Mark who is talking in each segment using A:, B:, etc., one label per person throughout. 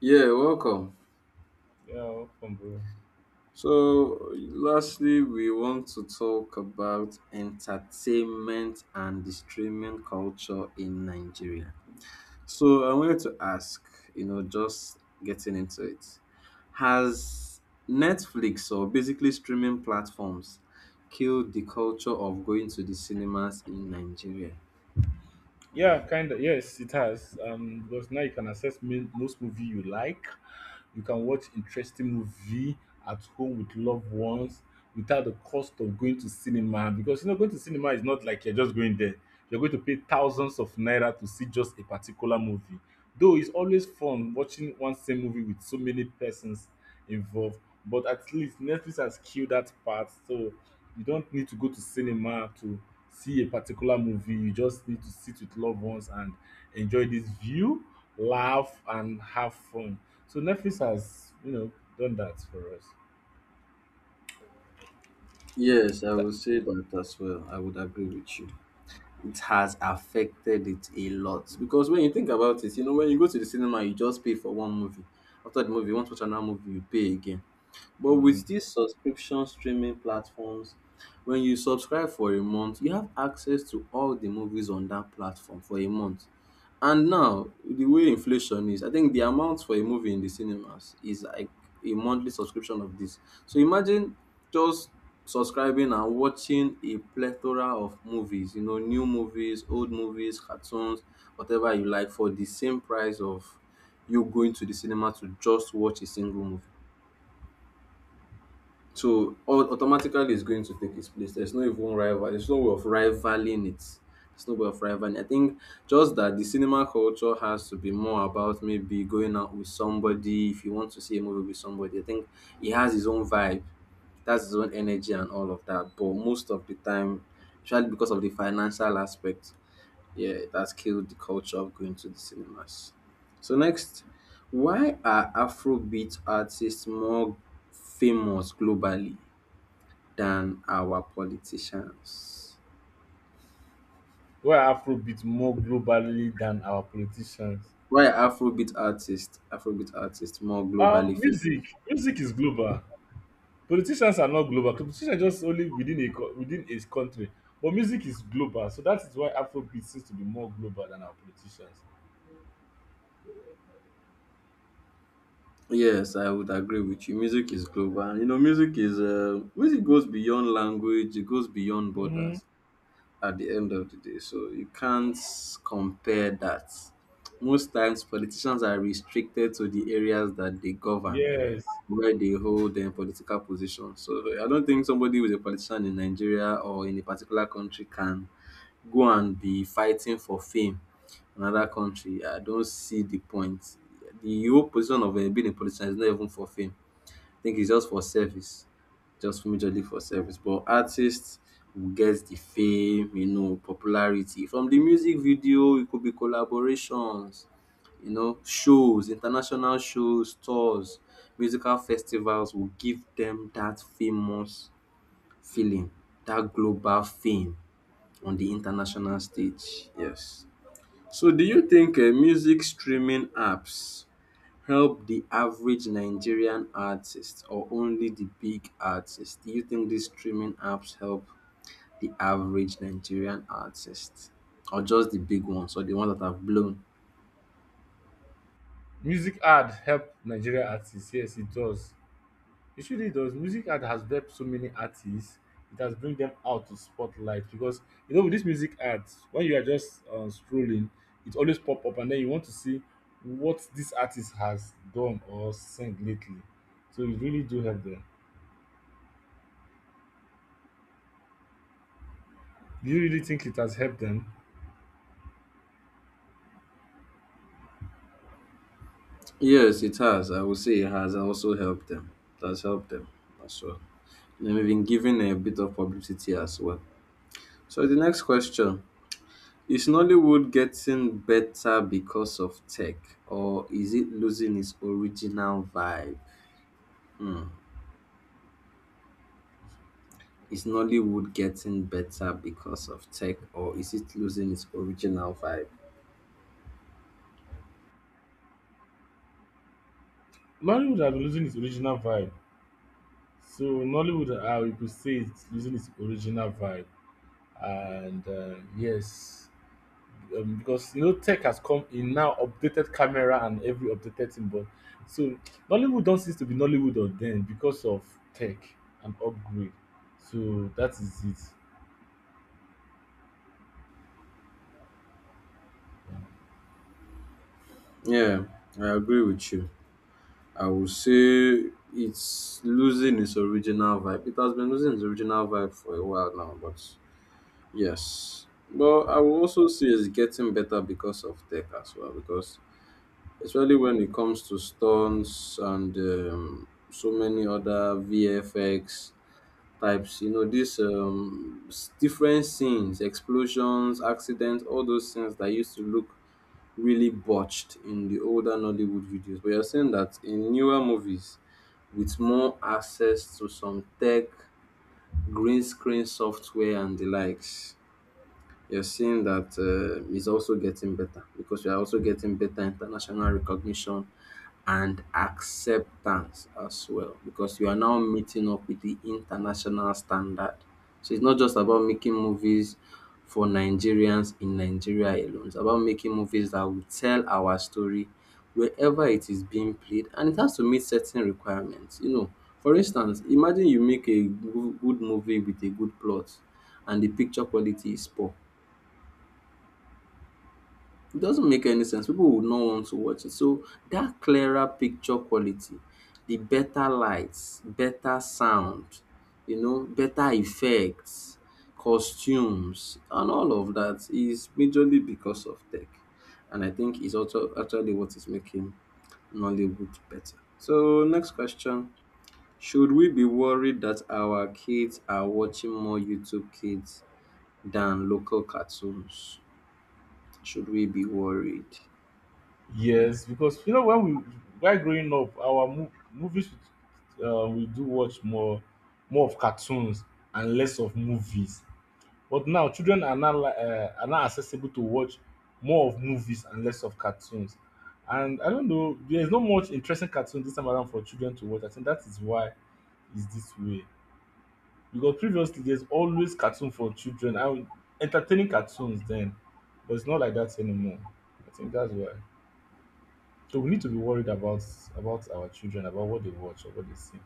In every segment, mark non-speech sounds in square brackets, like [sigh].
A: Yeah, welcome.
B: Yeah, welcome, bro.
A: So, lastly, we want to talk about entertainment and the streaming culture in Nigeria. So, I wanted to ask, just getting into it, has Netflix or basically streaming platforms killed the culture of going to the cinemas in Nigeria?
B: Yeah, kind of. Yes, it has. Because now you can access most movie you like. You can watch interesting movie at home with loved ones without the cost of going to cinema. Because you know, going to cinema is not like you're just going there. You're going to pay thousands of naira to see just a particular movie. Though it's always fun watching one same movie with so many persons involved. But at least Netflix has killed that part. So you don't need to go to cinema to see a particular movie. You just need to sit with loved ones and enjoy this view, laugh, and have fun. So Netflix has, you know, done that for us.
A: Yes, I
B: That,
A: would say that as well. I would agree with you. It has affected it a lot because when you think about it, when you go to the cinema, you just pay for one movie. After the movie, you want to watch another movie, you pay again. But
B: mm-hmm.
A: with these subscription streaming platforms, when you subscribe for a month, you have access to all the movies on that platform for a month. And now, the way inflation is, I think the amount for a movie in the cinemas is like a monthly subscription of this. So imagine just subscribing and watching a plethora of movies, new movies, old movies, cartoons, whatever you like, for the same price of you going to the cinema to just watch a single movie. So automatically it's going to take its place. There's no even rival. There's no way of rivaling it. There's no way of rivaling. I think just that the cinema culture has to be more about maybe going out with somebody. If you want to see a movie with somebody, I think it has its own vibe. It has its own energy and all of that. But most of the time, especially because of the financial aspect, yeah, that's killed the culture of going to the cinemas. So next, why are Afrobeat artists more famous globally? Than our politicians?
B: We're Afrobeat more globally than our politicians.
A: Why are Afrobeat artists more globally famous?
B: Music is global. Politicians are not global. Politicians are just only within a within a country. But music is global, so that is why Afrobeat seems to be more global than our politicians.
A: Yes, I would agree with you. Music is global. And, music goes beyond language. It goes beyond
B: Mm-hmm.
A: borders. At the end of the day, so you can't compare that. Most times, politicians are restricted to the areas that they govern,
B: Yes.
A: where they hold their political position. So I don't think somebody who is a politician in Nigeria or in a particular country can go and be fighting for fame in another country. I don't see the point. The whole position of being a politician is not even for fame. I think it's just for service, just majorly for service. But artists will get the fame, popularity from the music video. It could be collaborations, shows, international shows, tours, musical festivals will give them that famous feeling, that global fame on the international stage. Yes. So, do you think music streaming apps help the average Nigerian artist or only the big artist? Do you think these streaming apps help the average Nigerian artist or just the big ones or the ones that have blown?
B: Music Ad help Nigeria artists, yes it does. It really does. Music Ad has helped so many artists. It has bring them out to spotlight because you know with this music ads, when you are just scrolling, it always pop up and then you want to see what this artist has done or sing lately. So it really do help them. Do you really think it has helped them?
A: Yes, it has. I would say it has also helped them. It has helped them as well. And we've been given a bit of publicity as well. So, the next question Is Nollywood getting better because of tech or is it losing its original vibe? Is Nollywood getting better because of tech or is it losing its original vibe?
B: Nollywood has been losing its original vibe. So Nollywood, I we could say it's losing its original vibe. And yes, because you know tech has come in now updated camera and every updated thing but so nollywood don't seem to be nollywood of then because of tech and upgrade, so that is it.
A: Yeah, I agree with you. I would say it's losing its original vibe. It has been losing its original vibe for a while now, but yes. But I will also say it's getting better because of tech as well, because especially when it comes to stunts and so many other VFX types. You know, these different scenes, explosions, accidents, all those things that used to look really botched in the older Nollywood videos. But you're saying that in newer movies, with more access to some tech, green screen software, and the likes, you're seeing that it's also getting better because we are also getting better international recognition and acceptance as well because you are now meeting up with the international standard. So it's not just about making movies for Nigerians in Nigeria alone. It's about making movies that will tell our story wherever it is being played and it has to meet certain requirements. You know, for instance, imagine you make a good movie with a good plot and the picture quality is poor. It doesn't make any sense. People would not want to watch it. So that clearer picture quality, the better lights, better sound, better effects, costumes, and all of that is majorly because of tech. And I think it's also actually what is making Nollywood better. So next question. Should we be worried that our kids are watching more YouTube kids than local cartoons? Should we be worried?
B: Yes, because you know when we while growing up our movies we do watch more more of cartoons and less of movies. But now children are not are not accessible to watch more of movies and less of cartoons. And I don't know, there's not much interesting cartoon this time around for children to watch. I think that is why it's this way. Because previously there's always cartoon for children and entertaining cartoons then, but it's not like that anymore. I think that's why. So we need to be worried about our children, about what they watch or what they see.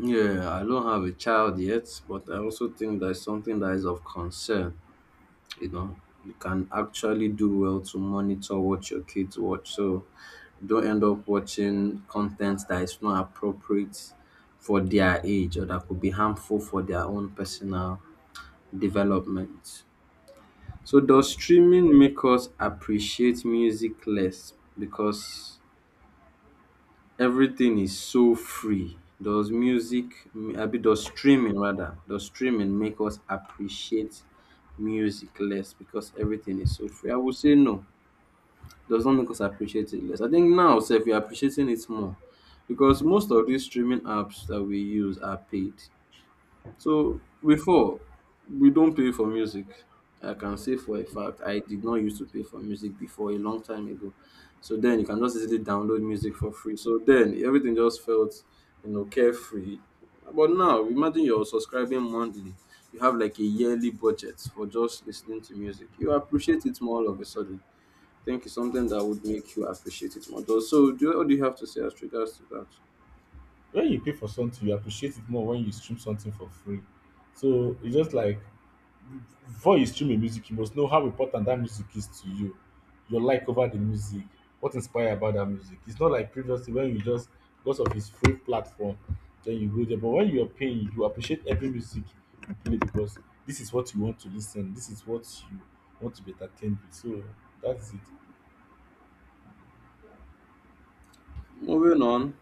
A: Yeah, I don't have a child yet, but I also think that's something that is of concern. You know, you can actually do well to monitor what your kids watch. So don't end up watching content that is not appropriate for their age or that could be harmful for their own personal development. So does streaming make us appreciate music less because everything is so free. Does music, I mean, does streaming rather, does streaming make us appreciate music less because everything is so free? I would say no. Does not make us appreciate it less. I think now, so if you're appreciating it more, because most of these streaming apps that we use are paid. So before we don't pay for music. I can say for a fact I did not used to pay for music before a long time ago. So then you can just easily download music for free. So then everything just felt, carefree. But now imagine you're subscribing monthly. You have like a yearly budget for just listening to music. You appreciate it more all of a sudden. I think it's something that would make you appreciate it more. Though, So do you, what do you have to say as regards to that?
B: When you pay for something, you appreciate it more when you stream something for free. So it's just like, before you stream a music, you must know how important that music is to you, your like over the music, what inspire about that music. It's not like previously when you just because of his free platform, then you go there. But when you're paying, you appreciate every music you play because this is what you want to listen, this is what you want to be entertained with. So that's it.
A: Moving on,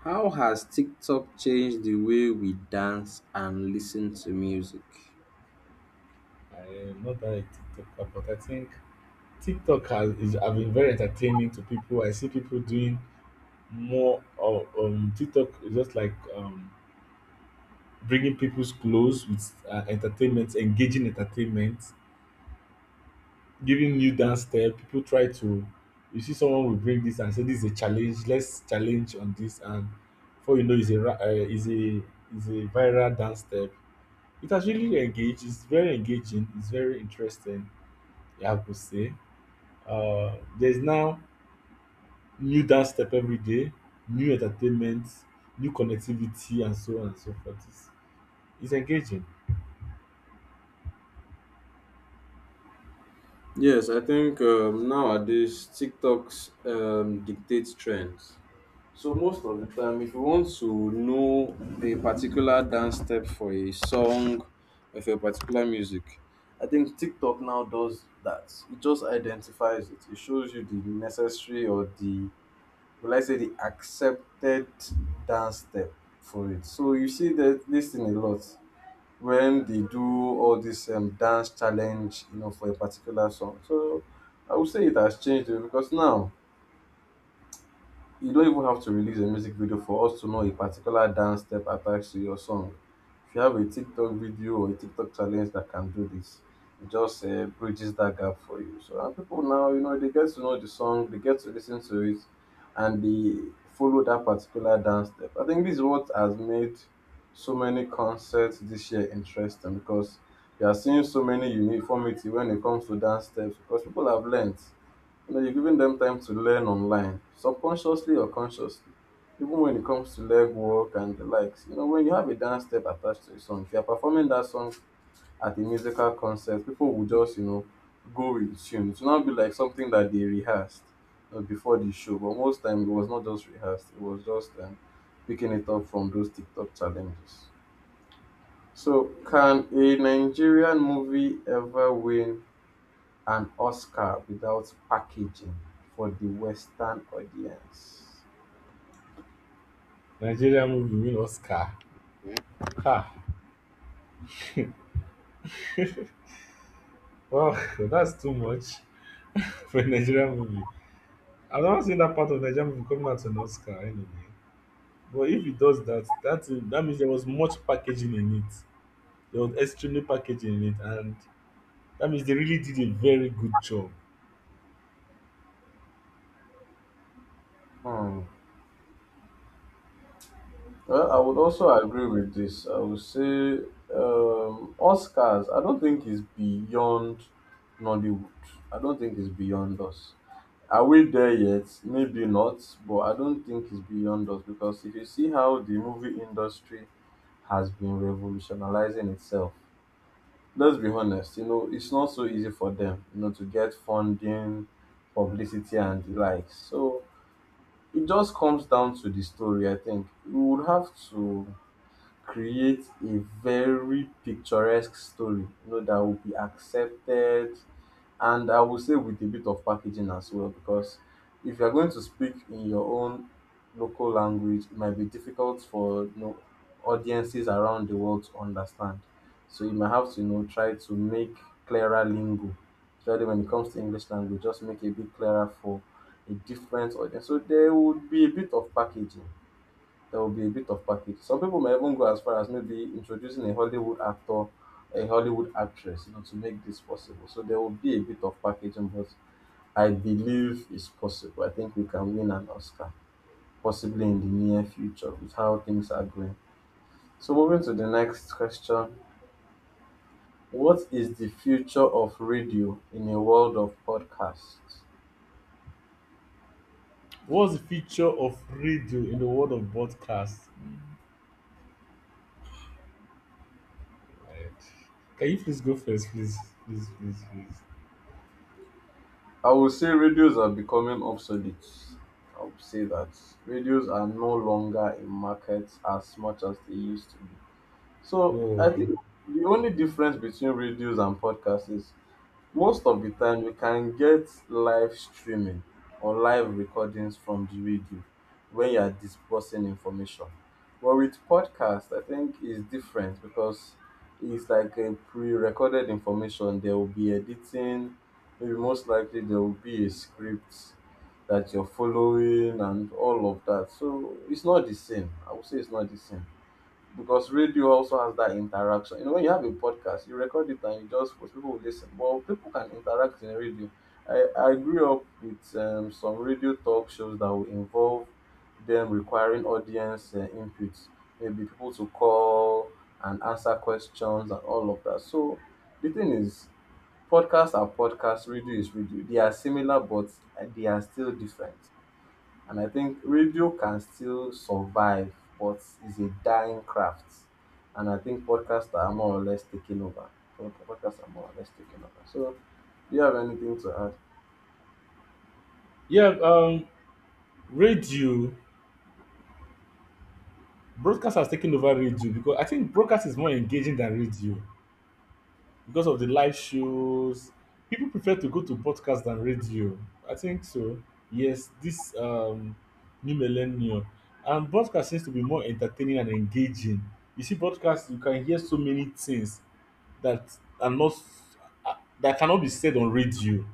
A: how has TikTok changed the way we dance and listen to music?
B: I am not that a TikToker, but I think TikTok has is have been very entertaining to people. I see people doing more of TikTok is just like bringing people's clothes with entertainment, engaging entertainment, giving new dance step. People try to, you see, someone will bring this and say, "This is a challenge. Let's challenge on this." And before you know, is a viral dance step. It has really engaged. It's very engaging. It's very interesting, I would say. There's now new dance step every day, new entertainment, new connectivity, and so on and so forth. It's engaging.
A: Yes, I think nowadays TikToks dictates trends. So most of the time, if you want to know a particular dance step for a song or for a particular music, I think TikTok now does that. It just identifies it. It shows you the necessary or the will I say the accepted dance step for it. So you see that this thing a lot when they do all this dance challenge, for a particular song. So I would say it has changed eh, because now you don't even have to release a music video for us to know a particular dance step attached to your song. If you have a TikTok video or a TikTok challenge that can do this, it just bridges that gap for you. So and people now, they get to know the song, they get to listen to it, and they follow that particular dance step. I think this is what has made so many concerts this year interesting because you are seeing so many uniformity when it comes to dance steps because people have learned. You know, you're giving them time to learn online, subconsciously or consciously. Even when it comes to leg work and the likes, when you have a dance step attached to a song, if you're performing that song at a musical concert, people will just, go with the tune. It will not be like something that they rehearsed before the show, but most time it was not just rehearsed, it was just picking it up from those TikTok challenges. So, can a Nigerian movie ever win an Oscar without packaging for the Western audience.
B: Nigeria movie win Oscar. Ha! Well, [laughs] that's too much [laughs] for a Nigerian movie. I've never seen that part of Nigerian movie coming out to an Oscar anyway. But if it does that, that means there was much packaging in it. There was extremely packaging in it, and that means they really did a very good job.
A: Hmm. Well, I would also agree with this. I would say Oscars, I don't think is beyond Nollywood. I don't think it's beyond us. Are we there yet? Maybe not, but I don't think it's beyond us because if you see how the movie industry has been revolutionizing itself, let's be honest, it's not so easy for them, to get funding, publicity, and the likes. So it just comes down to the story, I think. You would have to create a very picturesque story, that will be accepted, and I will say with a bit of packaging as well, because if you're going to speak in your own local language, it might be difficult for audiences around the world to understand. So you might have to try to make clearer lingo, especially when it comes to English language, just make it a bit clearer for a different audience. So there would be a bit of packaging there will be a bit of package. Some people may even go as far as maybe introducing a Hollywood actor, a Hollywood actress, to make this possible. So there will be a bit of packaging, but I believe it's possible. I think we can win an Oscar, possibly in the near future, with how things are going. So moving to the next question. What is the future of radio in a world of podcasts?
B: What's the feature of radio in the world of broadcast? Right. Can you please go first, please, please, please, please?
A: I would say radios are becoming obsolete. I would say that radios are no longer in markets as much as they used to be. So I
B: Oh,
A: think the only difference between radios and podcasts is most of the time we can get live streaming or live recordings from the radio when you are dispersing information. But with podcast, I think it's different because it's like a pre-recorded information. There will be editing, maybe most likely there will be a script that you're following and all of that. So it's not the same. I would say it's not the same because radio also has that interaction. When you have a podcast, you record it and you just post, people will listen. But people can interact in radio. I grew up with some radio talk shows that will involve them requiring audience input, maybe people to call and answer questions and all of that. So the thing is, podcasts are podcasts, radio is radio. They are similar, but they are still different. And I think radio can still survive, but it's a dying craft. And I think podcasts are more or less taking over. Podcasts are more or less taking over. So, do you have anything to add?
B: yeah. Radio broadcast has taken over radio because I think broadcast is more engaging than radio, because of the live shows. People prefer to go to podcast than radio. I think so. Yes, this new millennium. And podcast seems to be more entertaining and engaging. You see, podcast, you can hear so many things that are not uh, that cannot be said on radio.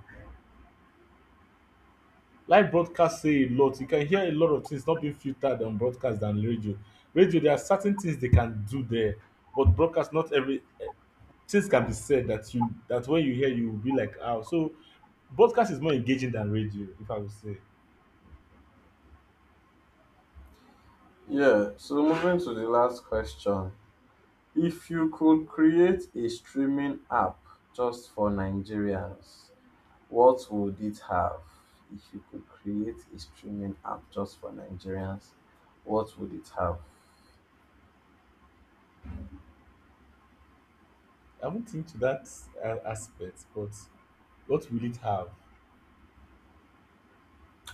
B: Live broadcast say a lot. You can hear a lot of things not being filtered on broadcast than radio. Radio, there are certain things they can do there, but broadcast not every things can be said that you that when you hear you will be like, ah, so broadcast is more engaging than radio, if I would say.
A: Yeah, so moving to the last question. If you could create a streaming app just for Nigerians, what would it have? If you could create a streaming app just for Nigerians, what would it have?
B: I haven't into that aspect, but what will it have?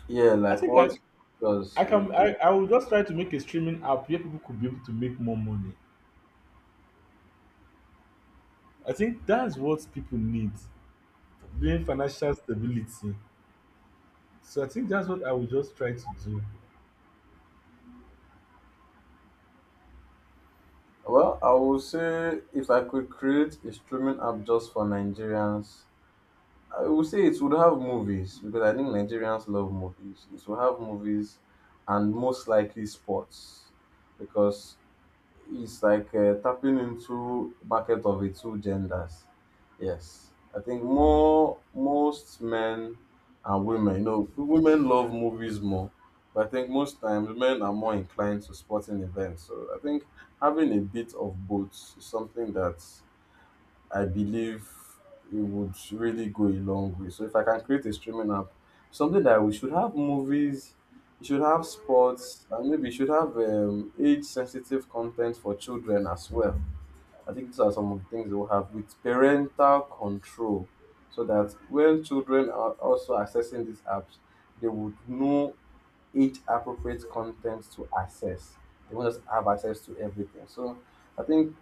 A: Yeah,
B: I
A: like
B: think
A: what
B: I,
A: does would
B: I will just try to make a streaming app where people could be able to make more money. I think that's what people need, being financial stability. So I think that's what I will just try to do.
A: Well, I would say if I could create a streaming app just for Nigerians, I would say it would have movies because I think Nigerians love movies. It will have movies and most likely sports because it's like tapping into bucket of the two genders. Yes, I think more most men and women. You know, women love movies more, but I think most times men are more inclined to sporting events. So I think having a bit of both is something that I believe it would really go a long way. So if I can create a streaming app, something that we should have movies, it should have sports, and maybe it should have age-sensitive content for children as well. I think these are some of the things we'll have with parental control, so that when children are also accessing these apps, they would know age-appropriate content to access. They won't just have access to everything. So I think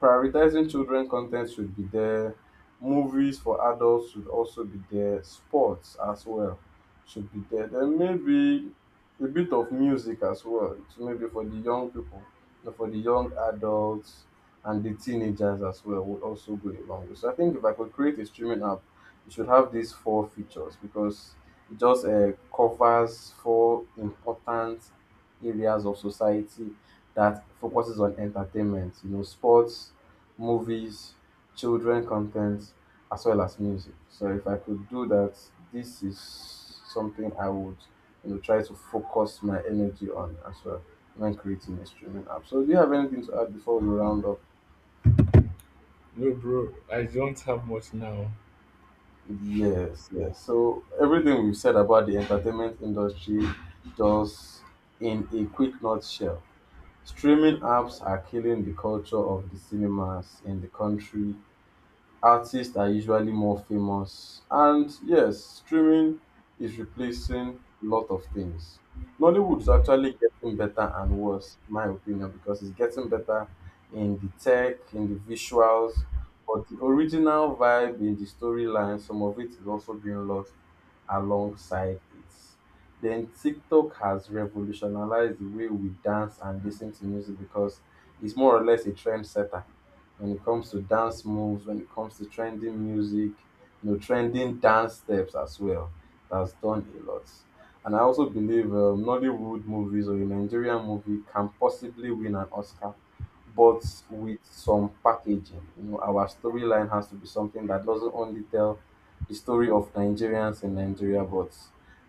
A: prioritizing children content should be there. Movies for adults should also be there. Sports as well should be there. Then maybe a bit of music as well. So maybe for the young people, so for the young adults and the teenagers as well would also go a long way. So I think if I could create a streaming app, it should have these four features because it just covers four important areas of society that focuses on entertainment, you know, sports, movies, children content, as well as music. So if I could do that, this is something I would, you know, try to focus my energy on as well when creating a streaming app. So do you have anything to add before we round up?
B: No, bro, I don't have much now.
A: Yes, yes. So everything we've said about the entertainment industry, just in a quick nutshell, streaming apps are killing the culture of the cinemas in the country artists are usually more famous. And yes, streaming is replacing a lot of things. Nollywood is actually getting better and worse, in my opinion, because it's getting better in the tech, in the visuals, but the original vibe in the storyline, some of it is also being lost alongside it. Then TikTok has revolutionized the way we dance and listen to music because it's more or less a trendsetter when it comes to dance moves, when it comes to trending music, you know, trending dance steps as well. That's done a lot. And I also believe Nollywood movies or a Nigerian movie can possibly win an Oscar, but with some packaging. You know, our storyline has to be something that doesn't only tell the story of Nigerians in Nigeria, but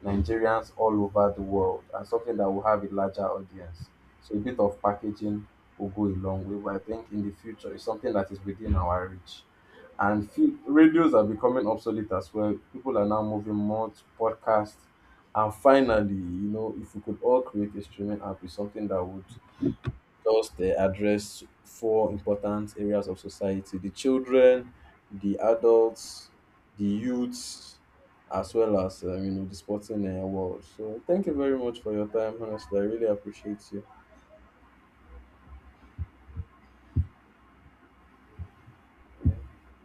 A: Nigerians all over the world, and something that will have a larger audience. So a bit of packaging will go a long way, but I think in the future it's something that is within our reach. And few, radios are becoming obsolete as well. People are now moving more to podcasts. And finally, you know, if we could all create a streaming app with something that would just address four important areas of society the children, the adults, the youths, as well as, you know, the sporting world. So thank you very much for your time, honestly. I really appreciate you.